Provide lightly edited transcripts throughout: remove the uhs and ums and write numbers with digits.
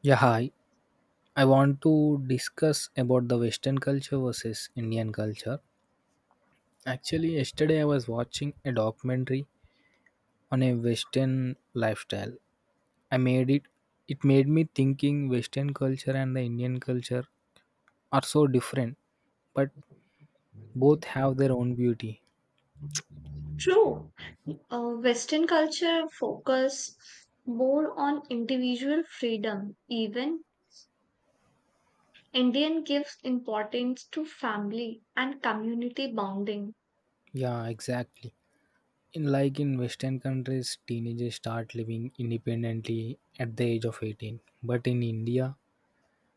Yeah, hi. I want to discuss about the Western culture versus Indian culture. Actually, yesterday I was watching a documentary on a Western lifestyle. I made it It made me thinking Western culture and the Indian culture are so different, but both have their own beauty. True. Western culture focus more on individual freedom. Even Indian gives importance to family and community bonding. Yeah, exactly. In Western countries, teenagers start living independently at the age of 18. But in India,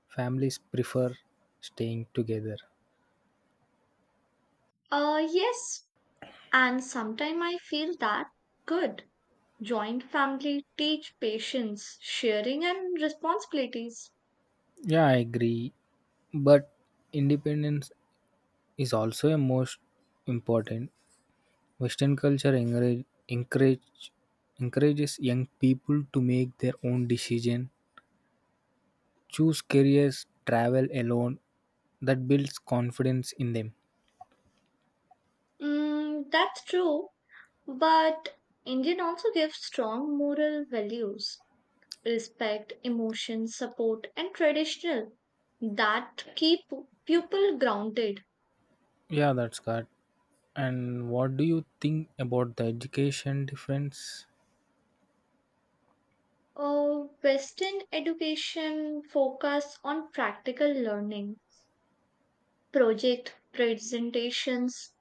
families prefer staying together. Yes, and sometimes I feel that good. Joint family teach patience, sharing, and responsibilities. Yeah, I agree. But independence is also a most important. Western culture encourage, encourage encourages young people to make their own decision, choose careers, travel alone. That builds confidence in them. That's true, but Indian also gives strong moral values respect, emotion, support, and traditional that keep people grounded. Yeah, that's good. And what do you think about the education difference? Western education focus on practical learning, project presentations,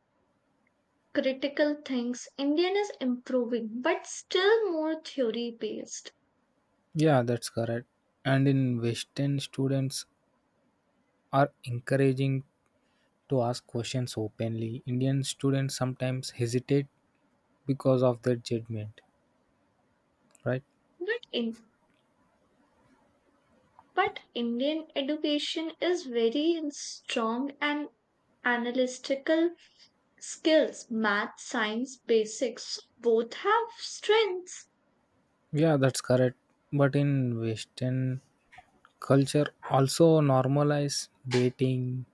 critical things. Indian is improving, but still more theory based. Yeah, that's correct. And in Western, students are encouraging to ask questions openly. Indian students sometimes hesitate because of their judgment, right? But in but Indian education is very strong and analytical skills, math, science, basics, both have strengths. Yeah, that's correct. But in Western culture, also normalize dating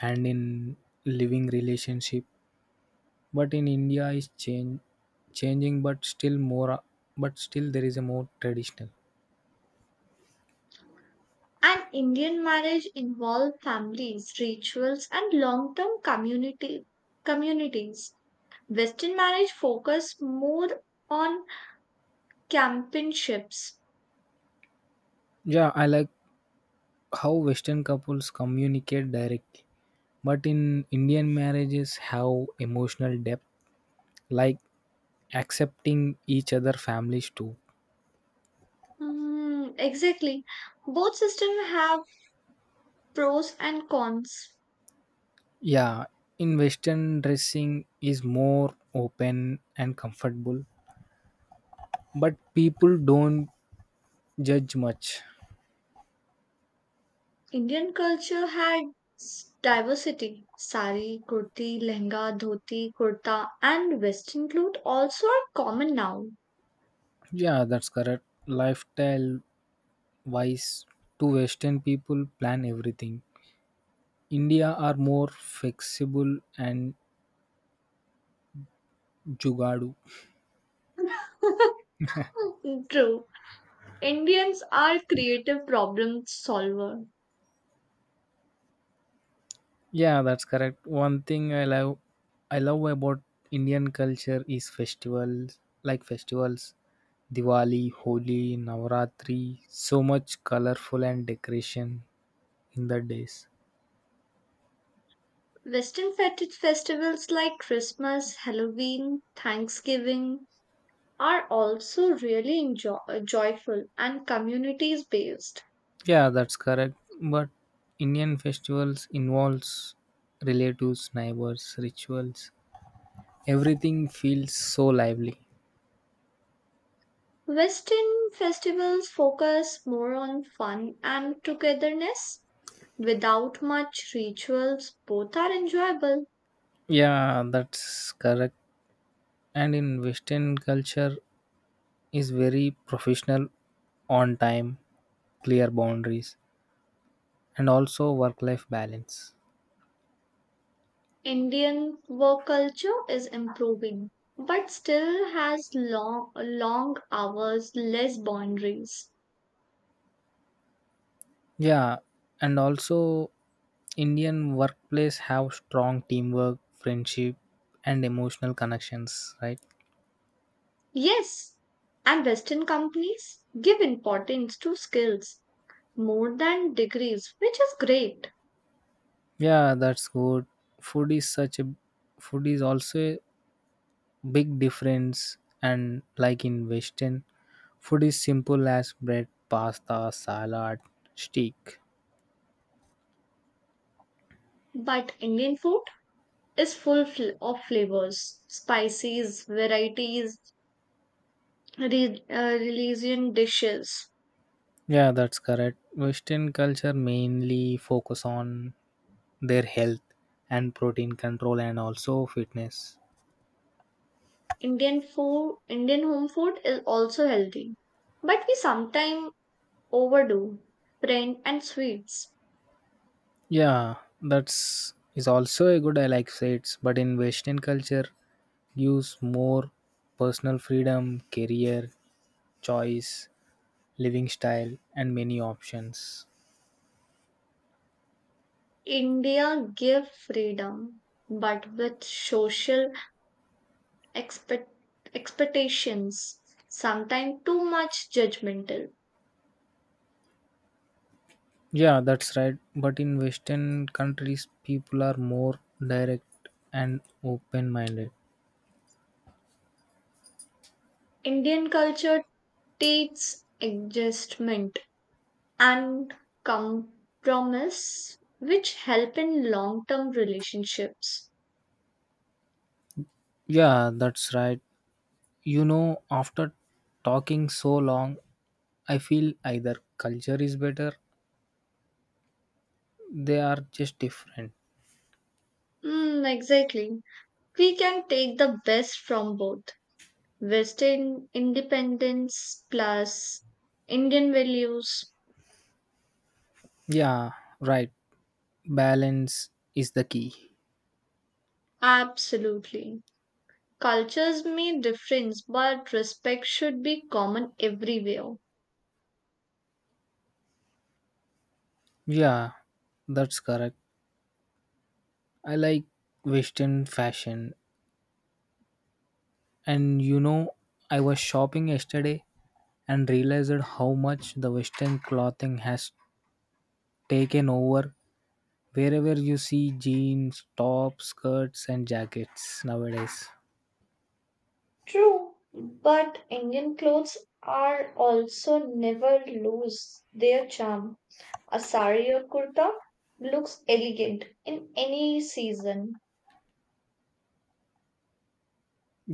and in living relationship. But in India, is change changing, but still there is a more traditional. And Indian marriage involve families, rituals, and long-term community communities. Western marriage focus more on campionships. Yeah, I like how Western couples communicate directly, but in Indian marriages have emotional depth. Like accepting each other families too. Exactly. Both systems have pros and cons. Yeah, in western dressing is more open and comfortable but people don't judge much. Indian culture had diversity. Sari, kurti, lehenga, dhoti, kurta, and western clothes also are common now. Yeah, that's correct. Lifestyle wise, to western people plan everything, india are more flexible and jugadu. True. Indians are creative problem solver. Yeah, that's correct. One thing I love about Indian culture is festivals Diwali, Holi, Navaratri, so much colorful and decoration in the days. Western festivals like Christmas, Halloween, Thanksgiving are also really joyful and communities based. Yeah, that's correct. But Indian festivals involves relatives, neighbors, rituals. Everything feels so lively. Western festivals focus more on fun and togetherness without much rituals. Both are enjoyable. Yeah, that's correct. And in Western culture, is very professional, on time, clear boundaries, and also work life balance. Indian work culture is improving, but still has long, long hours, less boundaries. Yeah, and also Indian workplace have strong teamwork, friendship, and emotional connections, right? Yes, and Western companies give importance to skills more than degrees, which is great. Yeah, that's good. Food is such a Food is also a big difference and like in Western, food is simple as bread, pasta, salad, steak. But Indian food is full of flavors, spices, varieties, religion dishes. Yeah, that's correct. Western culture mainly focus on their health and protein control and also fitness. Indian food, Indian home food is also healthy, but we sometimes overdo print and sweets. Yeah, that's is also a good I like say, but in Western culture gives more personal freedom, career, choice, living style and many options. India give freedom, but with social expect- expectations, sometimes too much judgmental. Yeah, that's right. But in Western countries people are more direct and open minded. Indian culture teaches adjustment and compromise which help in long term relationships. Yeah, that's right. You know, after talking so long, I feel either culture is better, they are just different. Exactly. We can take the best from both Western independence plus Indian values. Yeah, right. Balance is the key. Absolutely. Cultures may difference, but respect should be common everywhere. Yeah, that's correct. I like Western fashion. And you know, I was shopping yesterday and realized how much the Western clothing has taken over wherever you see jeans, tops, skirts, and jackets nowadays. True, but Indian clothes are also never lose their charm. A sari or kurta looks elegant in any season.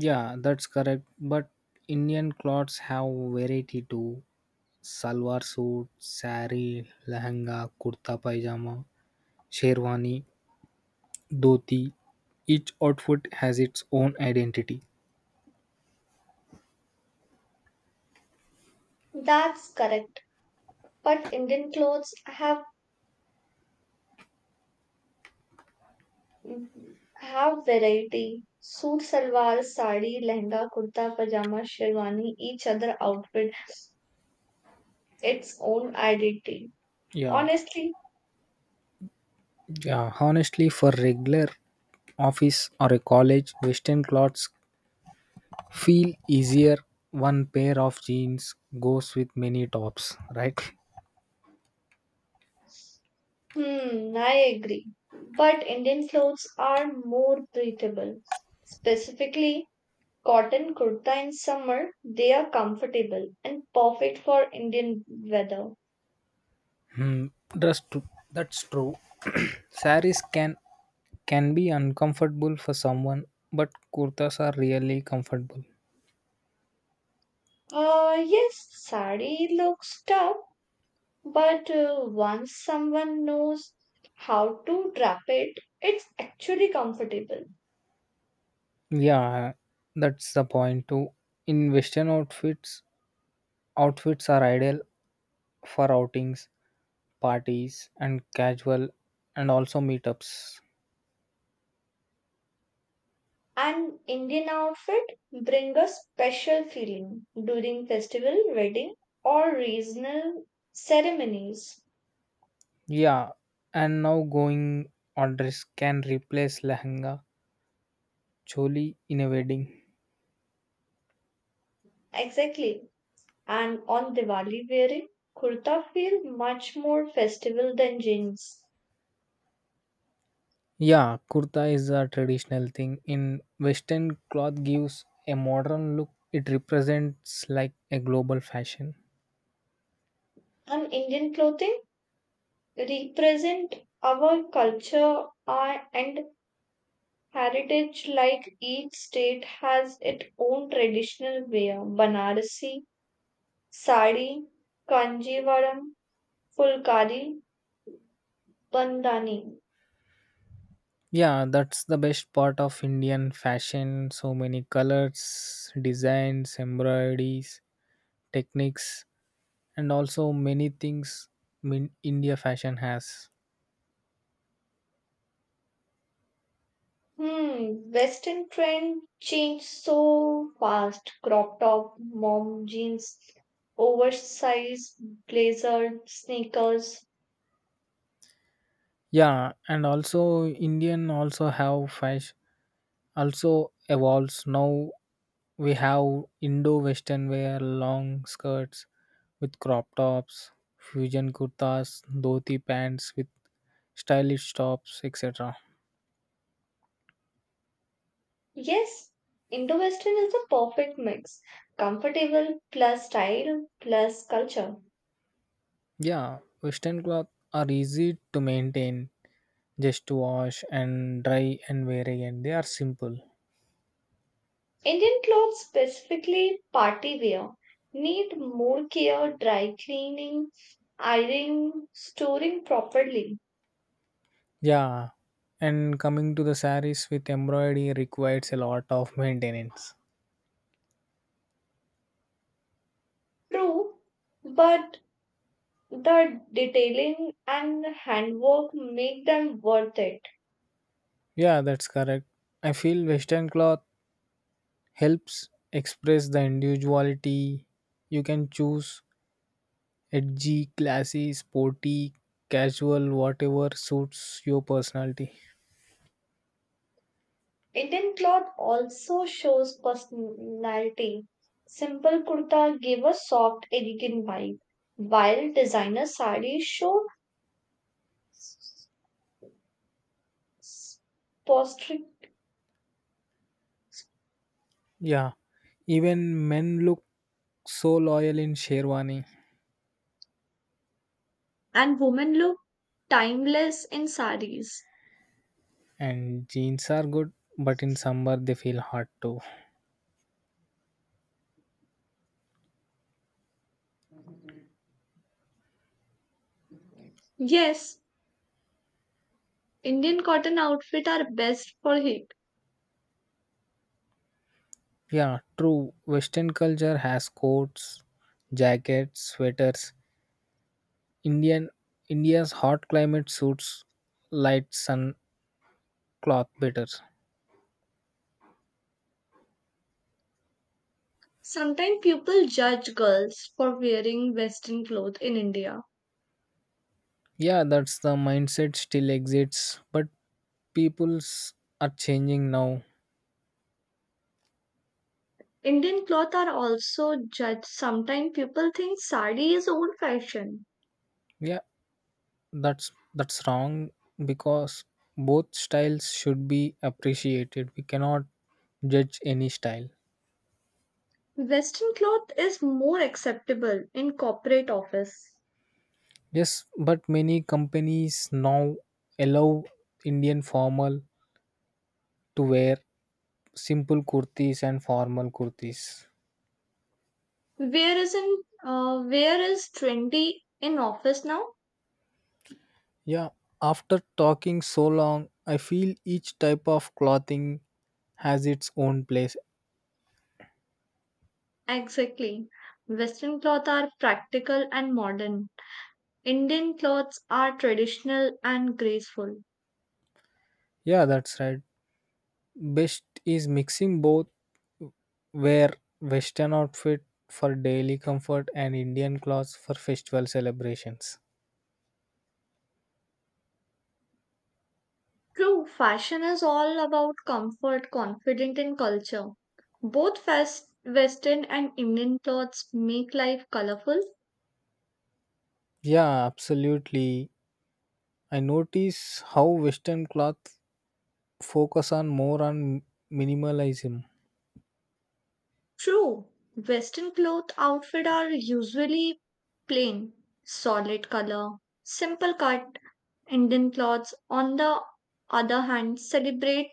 Yeah, that's correct. But Indian clothes have variety too. Salwar suit, sari, lehenga, kurta pajama, sherwani, dhoti. Each outfit has its own identity. That's correct. But Indian clothes have variety. Suit, salwar, sari, lehenga, kurta, pajama, sherwani. Each other outfit its own identity. Yeah. Honestly, Yeah, honestly for regular office or a college, western clothes feel easier. One pair of jeans goes with many tops, right? hmm, I agree. But Indian clothes are more breathable. Specifically, cotton kurta in summer, they are comfortable and perfect for Indian weather. Hmm, that's true. That's true. Saris can be uncomfortable for someone, but kurtas are really comfortable. Yes, sari looks tough, but once someone knows how to wrap it, it's actually comfortable. Yeah, that's the point too. In Western outfits, Outfits are ideal for outings, parties, and casual, and also meetups. An Indian outfit brings a special feeling during festival, wedding, or regional ceremonies. Yeah, and now going orders can replace lehenga choli in a wedding. Exactly. And on Diwali wearing, kurta feel much more festival than jeans. Yeah, kurta is a traditional thing in western cloth gives a modern look. It represents like a global fashion. And Indian clothing represent our culture and heritage like each state has its own traditional wear. Banarasi, sari, kanjivaram, fulkari, bandhani. Yeah, that's the best part of Indian fashion. So many colors, designs, embroideries, techniques, and also many things India fashion has. Hmm, Western trend changed so fast. Crop top, mom jeans, oversized blazer, sneakers. Yeah, and also Indian also have fashion also evolves now. We have Indo Western wear, long skirts with crop tops, fusion kurtas, dhoti pants with stylish tops, etc. Yes, Indo Western is the perfect mix. Comfortable plus style plus culture. Yeah, Western cloth are easy to maintain, just to wash and dry and wear again. They are simple. Indian clothes, specifically party wear, need more care, dry cleaning, ironing, storing properly. Yeah, and coming to the saris with embroidery requires a lot of maintenance. True, but the detailing and handwork make them worth it. Yeah, that's correct. I feel Western cloth helps express the individuality. You can choose edgy, classy, sporty, casual, whatever suits your personality. Indian cloth also shows personality. Simple kurta give a soft, elegant vibe, while designer sarees show s- s- posture Yeah, even men look so loyal in sherwani. and women look timeless in sarees. And jeans are good, but in summer they feel hot too. Yes, Indian cotton outfit are best for heat. Yeah, true. Western culture has coats, jackets, sweaters. Indian India's hot climate suits light sun cloth better. Sometimes people judge girls for wearing western clothes in India. Yeah, that's the mindset still exists, but people's are changing now. Indian cloth are also judged. Sometimes people think sari is old fashioned. Yeah, that's wrong because both styles should be appreciated. We cannot judge any style. Western cloth is more acceptable in corporate office. Yes, but many companies now allow Indian formal to wear simple kurtis and formal kurtis. Where is in where is trendy in office now? Yeah, after talking so long, I feel each type of clothing has its own place. Exactly. Western cloth are practical and modern. Indian clothes are traditional and graceful. Yeah, that's right. Best is mixing both. Wear Western outfit for daily comfort and Indian clothes for festival celebrations. True, fashion is all about comfort, confidence, and culture. Both fast, Western and Indian clothes make life colorful. Yeah, absolutely. I notice how Western cloth focus on more on minimalism. True, Western cloth outfit are usually plain, solid color, simple cut. Indian clothes, on the other hand, celebrate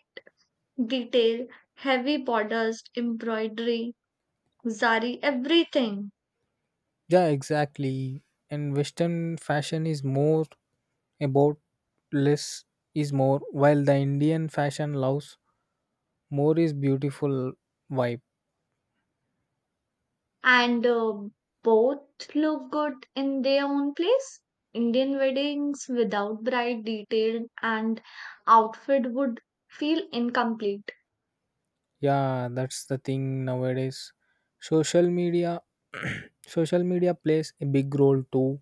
detail, heavy borders, embroidery, zari, everything. Yeah, exactly. And Western fashion is more about less is more, while the Indian fashion loves more is beautiful vibe. And Both look good in their own place. Indian weddings without bride detail and outfit would feel incomplete. Yeah, that's the thing nowadays. Social media social media plays a big role too.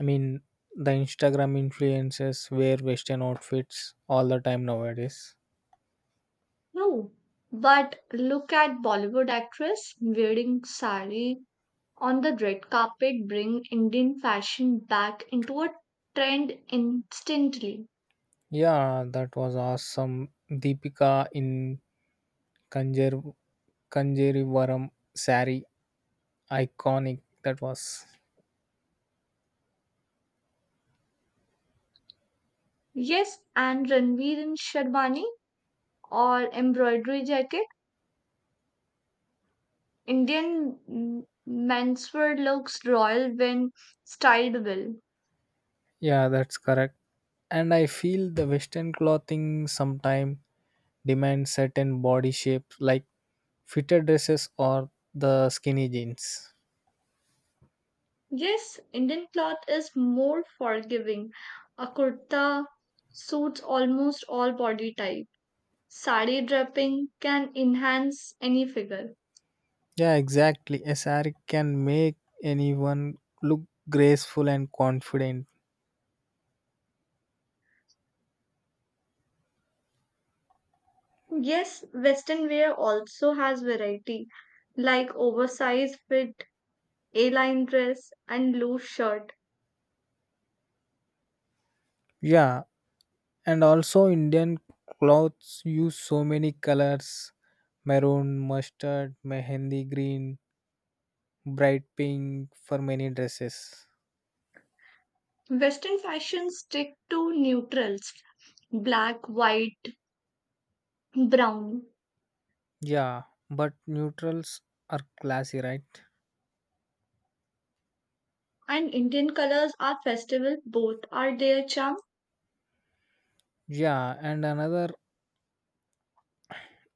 I mean the Instagram influencers wear Western outfits all the time nowadays. No, but look at Bollywood actress wearing sari on the red carpet bring Indian fashion back into a trend instantly. Yeah, that was awesome. Deepika in Kanjer Kanjerivaram sari, iconic that was. Yes, and Ranveer in Sherwani or embroidery jacket Indian menswear looks royal when styled well. Yeah, that's correct. And I feel the Western clothing sometime demand certain body shapes like fitted dresses or the skinny jeans. Yes, Indian cloth is more forgiving. A kurta suits almost all body type. Sari draping can enhance any figure. Yeah, exactly. A saree can make anyone look graceful and confident. Yes, Western wear also has variety, like oversized fit, A-line dress, and loose shirt. Yeah, and also Indian clothes use so many colors maroon, mustard, mehendi green, bright pink for many dresses. Western fashion stick to neutrals, black, white, brown. Yeah, but neutrals are classy, right? And Indian colors are festival, both are their charm. Yeah,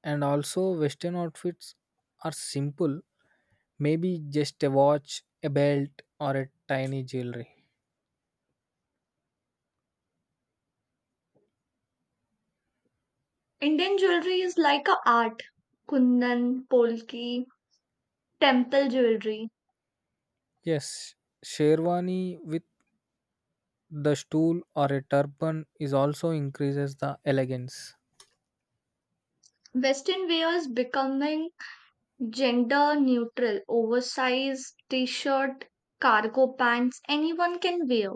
and also western outfits are simple, maybe just a watch, a belt or a tiny jewelry. Indian jewelry is like a art. Kundan, Polki, temple jewelry. Yes, sherwani with the stool or a turban is also increases the elegance. Western wears becoming gender neutral, oversized t-shirt, cargo pants anyone can wear.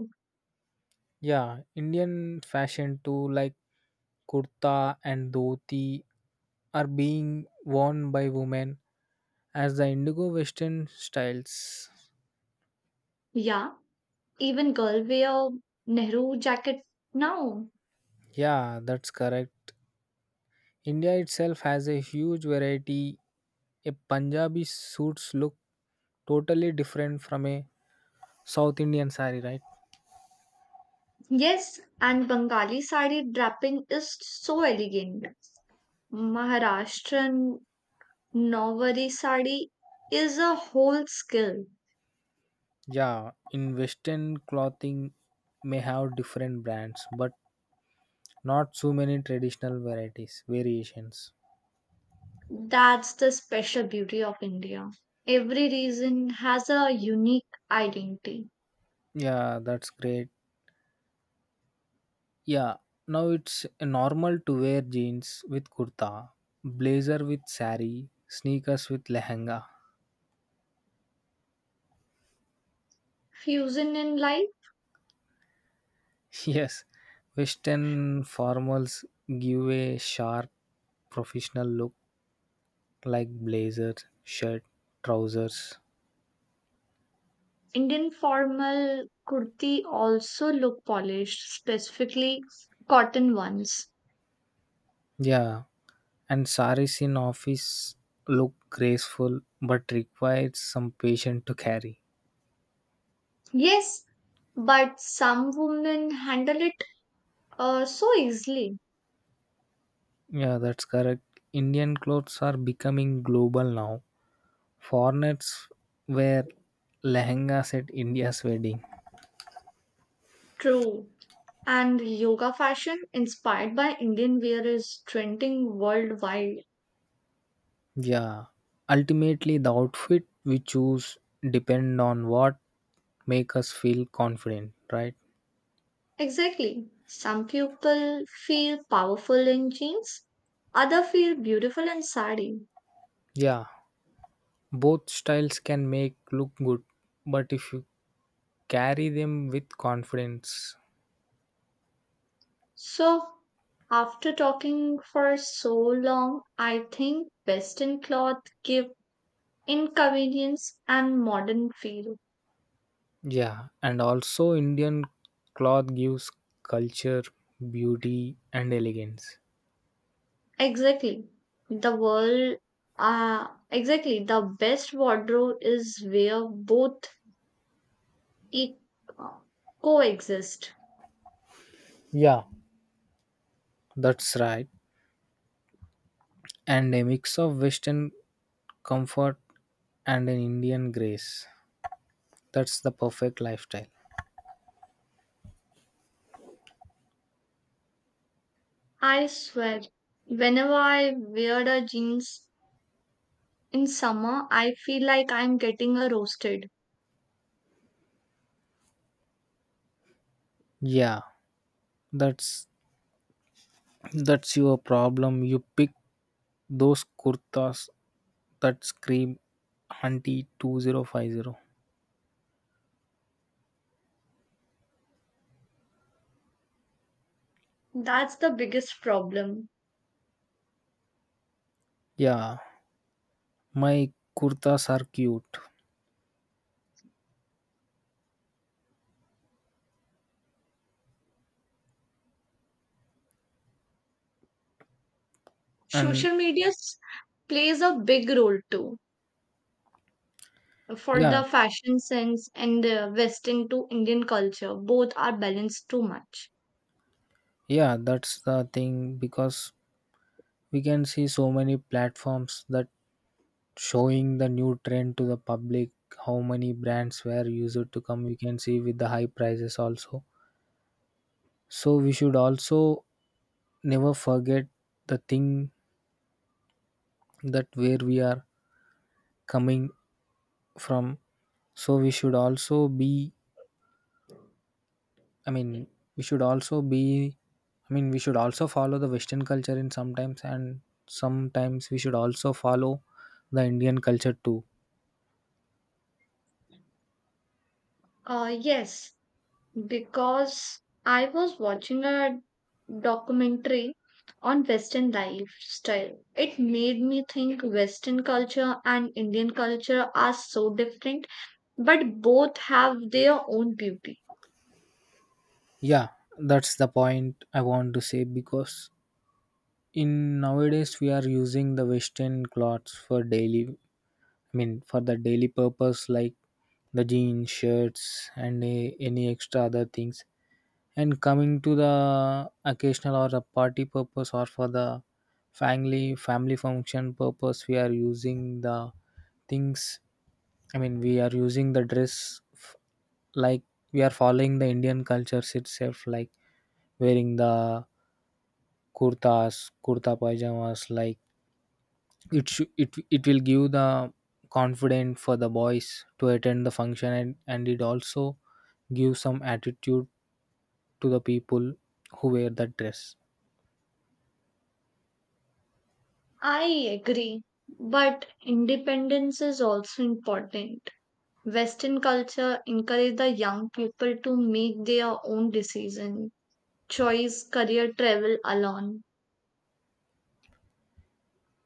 Yeah, indian fashion too, like kurta and dhoti are being worn by women as the indigo western styles. Yeah, even girl wear Nehru jacket now. Yeah, that's correct. India itself has a huge variety. A Punjabi suits look totally different from a South Indian saree, right? Yes, and Bengali sari draping is so elegant. Maharashtrian Novarisadi is a whole skill. Yeah, in Western clothing may have different brands, but not so many traditional varieties, variations. That's the special beauty of India. Every region has a unique identity. Yeah, that's great. Yeah, now it's normal to wear jeans with kurta, blazer with sari, sneakers with lehenga. Fusion in life, Yes, Western formals give a sharp professional look like blazer, shirt, trousers. Indian formal kurti also look polished, specifically cotton ones. Yeah, and saris in office look graceful but requires some patience to carry. Yes, but some women handle it so easily. Yeah, that's correct. Indian clothes are becoming global now. Foreigners wear lehengas at India's wedding. True. And yoga fashion inspired by Indian wear is trending worldwide. Yeah, ultimately the outfit we choose depend on what make us feel confident, right? Exactly. Some people feel powerful in jeans, other feel beautiful in sari. Yeah, both styles can make look good, but if you carry them with confidence. So after talking for so long, I think western cloth give inconvenience and modern feel. Yeah, and also Indian cloth gives culture, beauty, and elegance. Exactly. The world exactly the best wardrobe is where both e- coexist. Yeah, that's right. And a mix of Western comfort and an Indian grace. That's the perfect lifestyle. I swear, whenever I wear the jeans in summer, I feel like I'm getting a roasted. Yeah, that's that's your problem. You pick those kurtas that scream hunty 2050. That's the biggest problem. Yeah, my kurtas are cute. And Social media plays a big role too. For yeah, the fashion sense and the Western to Indian culture, both are balanced too much. yeah, that's the thing because we can see so many platforms that showing the new trend to the public, how many brands were used to come. We can see with the high prices also. So we should also never forget the thing that where we are coming from. So I mean, we should also be, we should also follow the Western culture in sometimes and sometimes we should also follow the Indian culture too. Yes, because I was watching a documentary on Western lifestyle. It made me think Western culture and Indian culture are so different, but both have their own beauty. Yeah, that's the point I want to say because in nowadays we are using the western clothes for daily, I mean for the daily purpose like the jeans, shirts and a, any extra other things, and coming to the occasional or the party purpose or for the family function purpose we are using the things, I mean we are using the like we are following the Indian cultures itself like wearing the kurtas, kurta pajamas. Like it will give the confidence for the boys to attend the function, and it also gives some attitude to the people who wear that dress. I agree, but independence is also important. Western culture encourage the young people to make their own decision, choice, career, travel alone.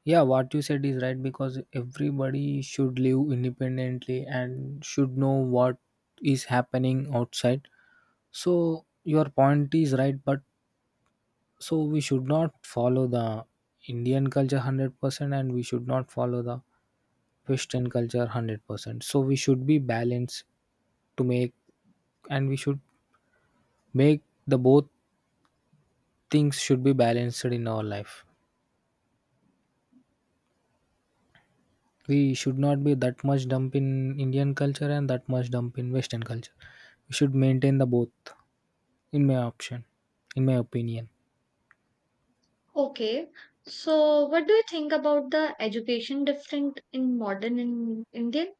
Yeah, what you said is right because everybody should live independently and should know what is happening outside. So your point is right, but so we should not follow the Indian culture 100%, and we should not follow the Western culture 100%. So we should be balanced to make, and we should make the both things should be balanced in our life. We should not be that much dump in Indian culture and that much dump in Western culture. We should maintain the both, in my option, in my opinion. Okay, so what do you think about the education different in modern in Indian?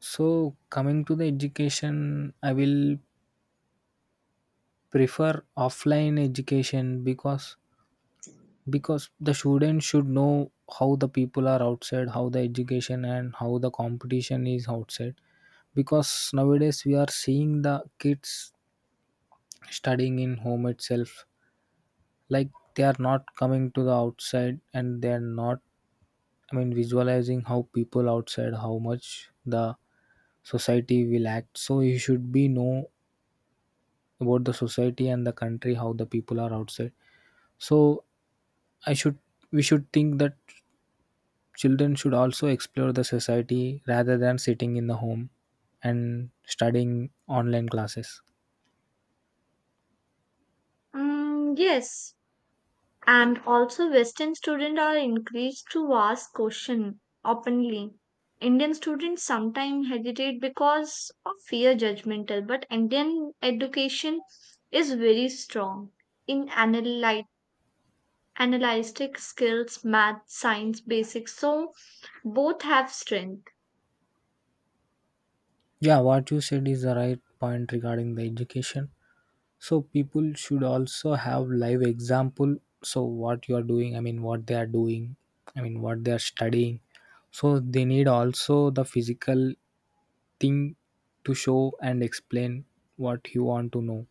So coming to the education, I will prefer offline education because the students should know how the people are outside, how the education and how the competition is outside because nowadays we are seeing the kids studying in home itself, like they are not coming to the outside and they are not, I mean visualizing how people outside, how much the society will act, so you should be know about the society and the country how the people are outside. So I should we should think that children should also explore the society rather than sitting in the home and studying online classes. Yes, and also Western students are encouraged to ask questions openly. Indian students sometimes hesitate because of fear judgmental, but Indian education is very strong in analyte analytic skills, math, science, basics. So both have strength. Yeah, what you said is the right point regarding the education. So people should also have live example. So what you are doing, what they are doing, what they are studying. So they need also the physical thing to show and explain what you want to know.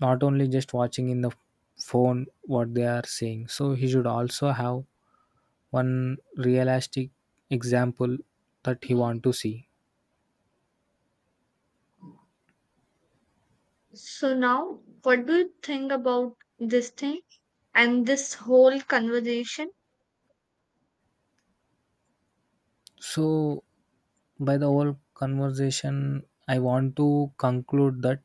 Not only just watching in the phone what they are saying. So he should also have one realistic example that he want to see. So now, what do you think about this thing and this whole conversation? So by the whole conversation I want to conclude that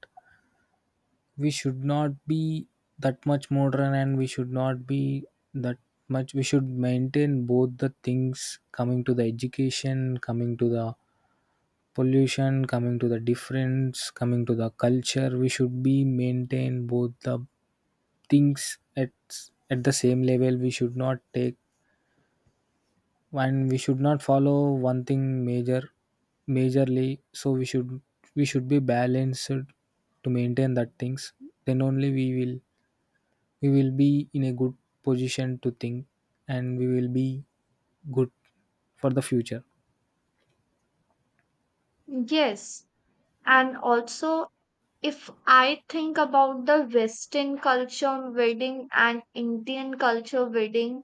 we should not be that much modern, and we should not be that much we should maintain both the things, coming to the education, coming to the pollution, coming to the difference, coming to the culture. We should be maintain both the things at the same level. We should not take, and we should not follow one thing majorly. So we should be balanced to maintain that things. Then only we will be in a good position to think, and we will be good for the future. Yes, and also if I think about the Western culture wedding and Indian culture wedding,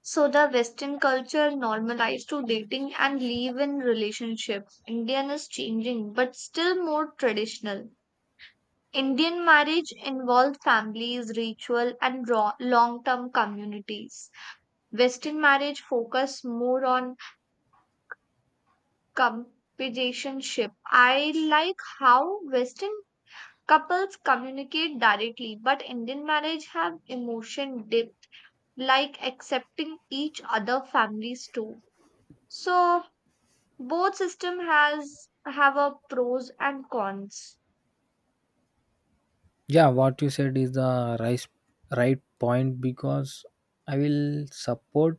so the Western culture normalized to dating and leave-in relationship. Indian is changing, but still more traditional. Indian marriage involved families, ritual, and long-term communities. Western marriage focus more on companionship. I like how Western couples communicate directly, but Indian marriage have emotion depth, like accepting each other families too. So both system has have a pros and cons. Yeah, what you said is the right right point, because I will support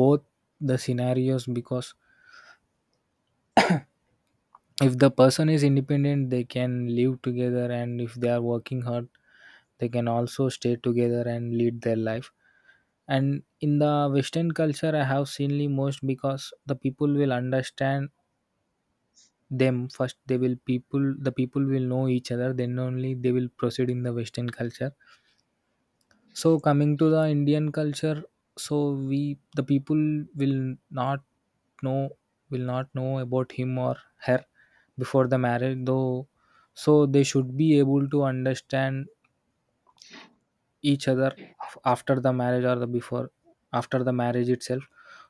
both the scenarios. Because if the person is independent, they can live together, and if they are working hard, they can also stay together and lead their life. And in the Western culture, I have seenly most, because the people will understand them first. The people will know each other, then only they will proceed in the Western culture. So coming to the Indian culture, so we the people will not know, will not know about him or her before the marriage though. So they should be able to understand each other after the marriage, or the before after the marriage itself.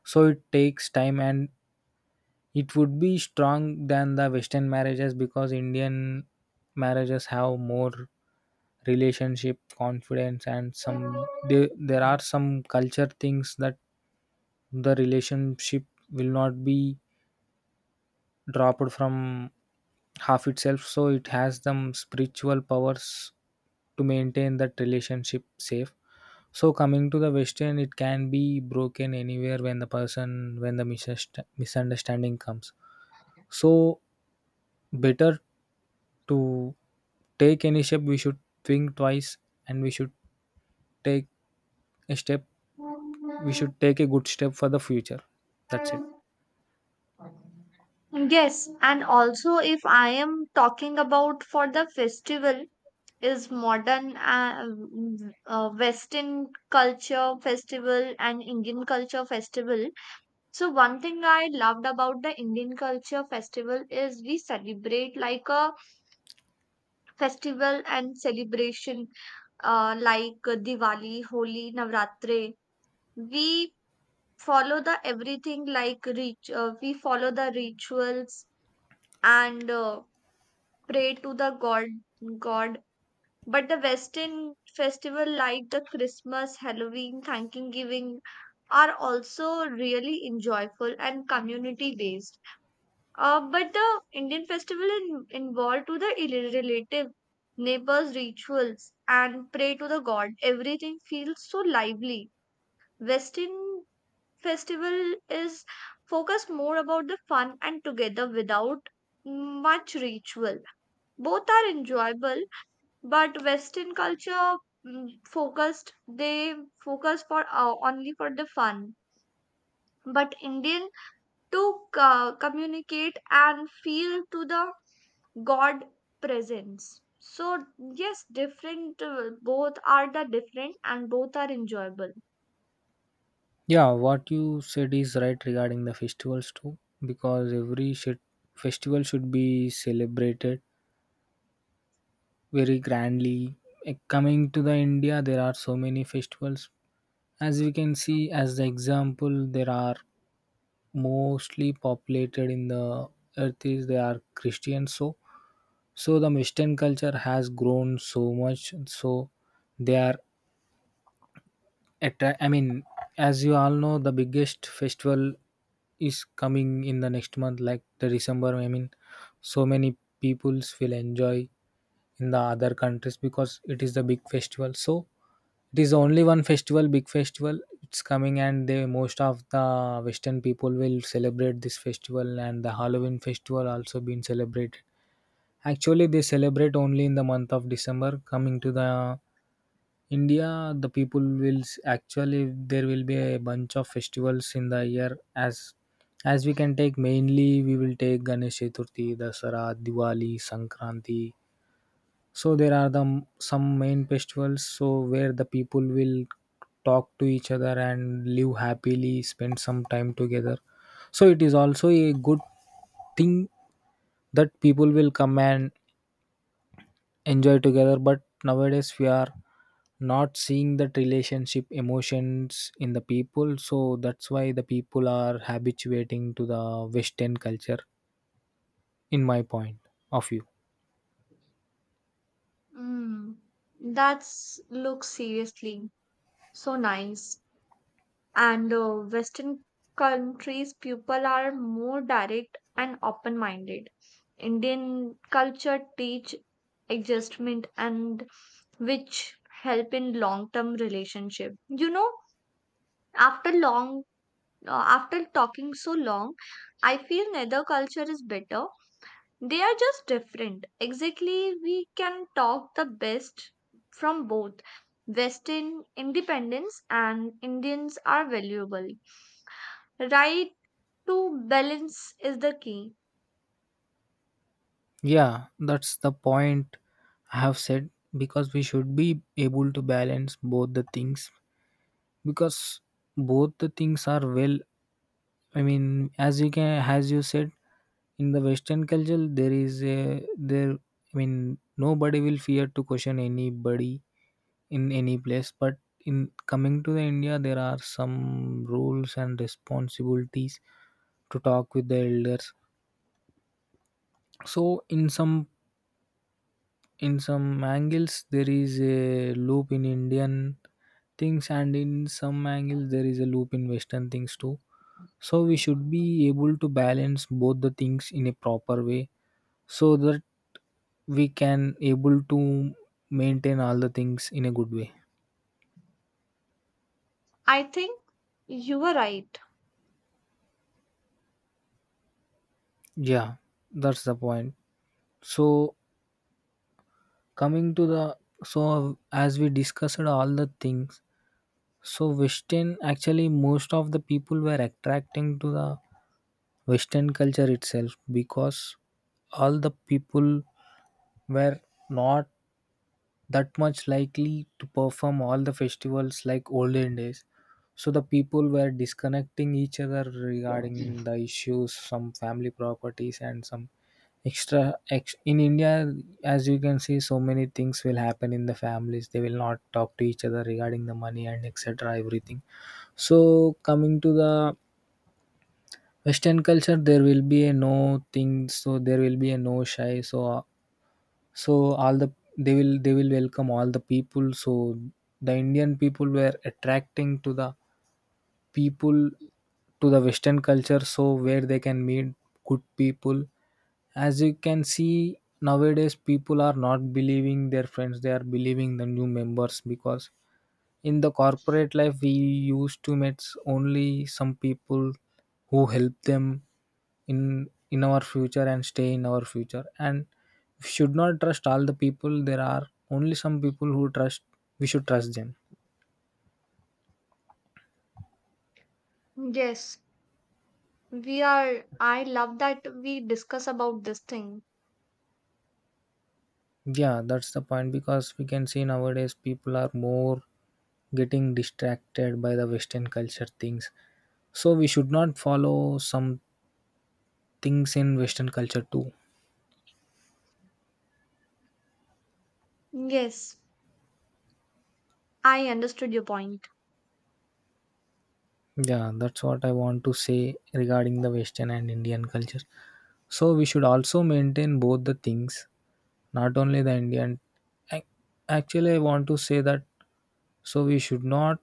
So it takes time, and it would be strong than the Western marriages, because Indian marriages have more relationship confidence. And there are some culture things that the relationship will not be dropped from half itself. So it has them spiritual powers to maintain that relationship safe. So coming to the Western, it can be broken anywhere when the person when the misundersta- misunderstanding comes. So better to take any step, we should think twice, and we should take a step. We should take a good step for the future. That's it. Yes, and also if I am talking about for the festival, is modern Western culture festival and Indian culture festival. So one thing I loved about the Indian culture festival is we celebrate like a festival and celebration like Diwali, Holi, Navratri. We follow the everything like we follow the rituals and pray to the god. But the Western festival like the Christmas, Halloween, Thanksgiving are also really enjoyable and community based. But the Indian festival in, involved to the relative neighbors rituals and pray to the god. Everything feels so lively. Western festival is focused more about the fun and together without much ritual. Both are enjoyable but western culture mm, focused they focus for only for the fun but indian to communicate and feel to the god presence so yes different both are the different and both are enjoyable. Yeah, what you said is right regarding the festivals too, because festival should be celebrated very grandly. Coming to the India, there are so many festivals. As we can see, as the example, there are mostly populated in the earth is they are Christians. So, so the Western culture has grown so much. So they are attra- I mean, as you all know, the biggest festival is coming in the next month, like the December. So many peoples will enjoy in the other countries, because it is the big festival. So it is only one festival, big festival. It's coming, and they most of the Western people will celebrate this festival, and the Halloween festival also being celebrated. Actually, they celebrate only in the month of December. Coming to the India, the people will actually there will be a bunch of festivals in the year. As we can take, mainly we will take Ganesh Chaturthi, Dasara, Diwali, Sankranti. So there are the some main festivals, so where the people will talk to each other and live happily, spend some time together. So it is also a good thing that people will come and enjoy together. But nowadays we are not seeing that relationship emotions in the people, so that's why the people are habituating to the Western culture, in my point of view. mm, that's looks seriously so nice. And Western countries, people are more direct and open minded. Indian culture teach adjustment and which help in long term relationship. You know, after long after talking so long, I feel neither culture is better. They are just different. Exactly, we can talk the best from both. Western independence and Indians are valuable right to balance is the key. Yeah, that's the point I have said, because we should be able to balance both the things, because both the things are well. I mean, as you can as you said, in the Western culture there is a there I mean nobody will fear to question anybody in any place. But in coming to the India, there are some rules and responsibilities to talk with the elders. So in some angles there is a loop in Indian things, and in some angles there is a loop in Western things too. So we should be able to balance both the things in a proper way, so that we can able to maintain all the things in a good way. I think you were right. Yeah, that's the point. So coming to the as we discussed all the things, so Western actually most of the people were attracting to the Western culture itself, because all the people were not that much likely to perform all the festivals like olden days. So the people were disconnecting each other regarding the issues, some family properties, and some extra. In India, as you can see, so many things will happen in the families. They will not talk to each other regarding the money and etc. Everything. So coming to the Western culture, there will be a no thing. So there will be a no shy. So all the they will welcome all the people. So the Indian people were attracting to the people to the Western culture, so where they can meet good people. As you can see, nowadays people are not believing their friends, they are believing the new members. Because in the corporate life, we used to meet only some people who help them in our future and stay in our future. And we should not trust all the people. There are only some people who trust. We should trust them. Yes, we are. I love that we discuss about this thing. Yeah, that's the point, because we can see nowadays people are more getting distracted by the Western culture things. So we should not follow some things in Western culture too. Yes, I understood your point. Yeah, that's what I want to say regarding the Western and Indian culture. So we should also maintain both the things, not only the Indian. ac- Actually, I want to say that so we should not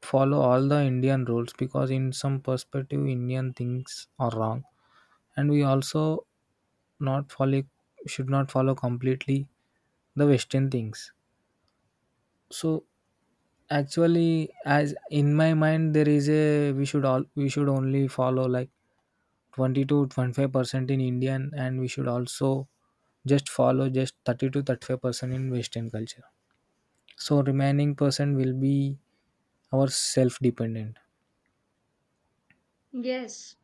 follow all the Indian rules, because in some perspective, Indian things are wrong. And we also not follow should not follow completely the Western things. So actually, as in my mind, there is a we should only follow like 20 to 25% in Indian, and we should also just follow just 30 to 35% in Western culture. So remaining percent will be our self-dependent. Yes,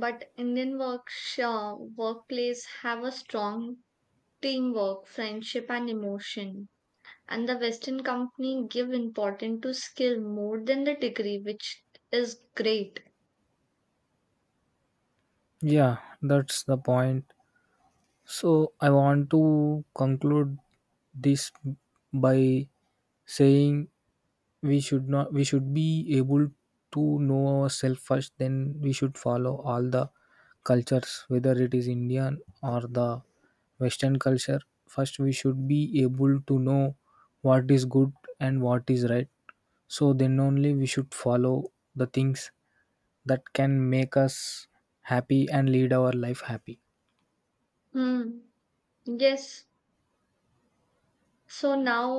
but Indian workplace have a strong teamwork, friendship, and emotion. And the Western company give importance to skill more than the degree, which is great. Yeah, that's the point. So I want to conclude this by saying we should not we should be able to know ourselves first, then we should follow all the cultures, whether it is Indian or the Western culture. First we should be able to know what is good and what is right, so then only we should follow the things that can make us happy and lead our life happy. Hmm. Yes. So now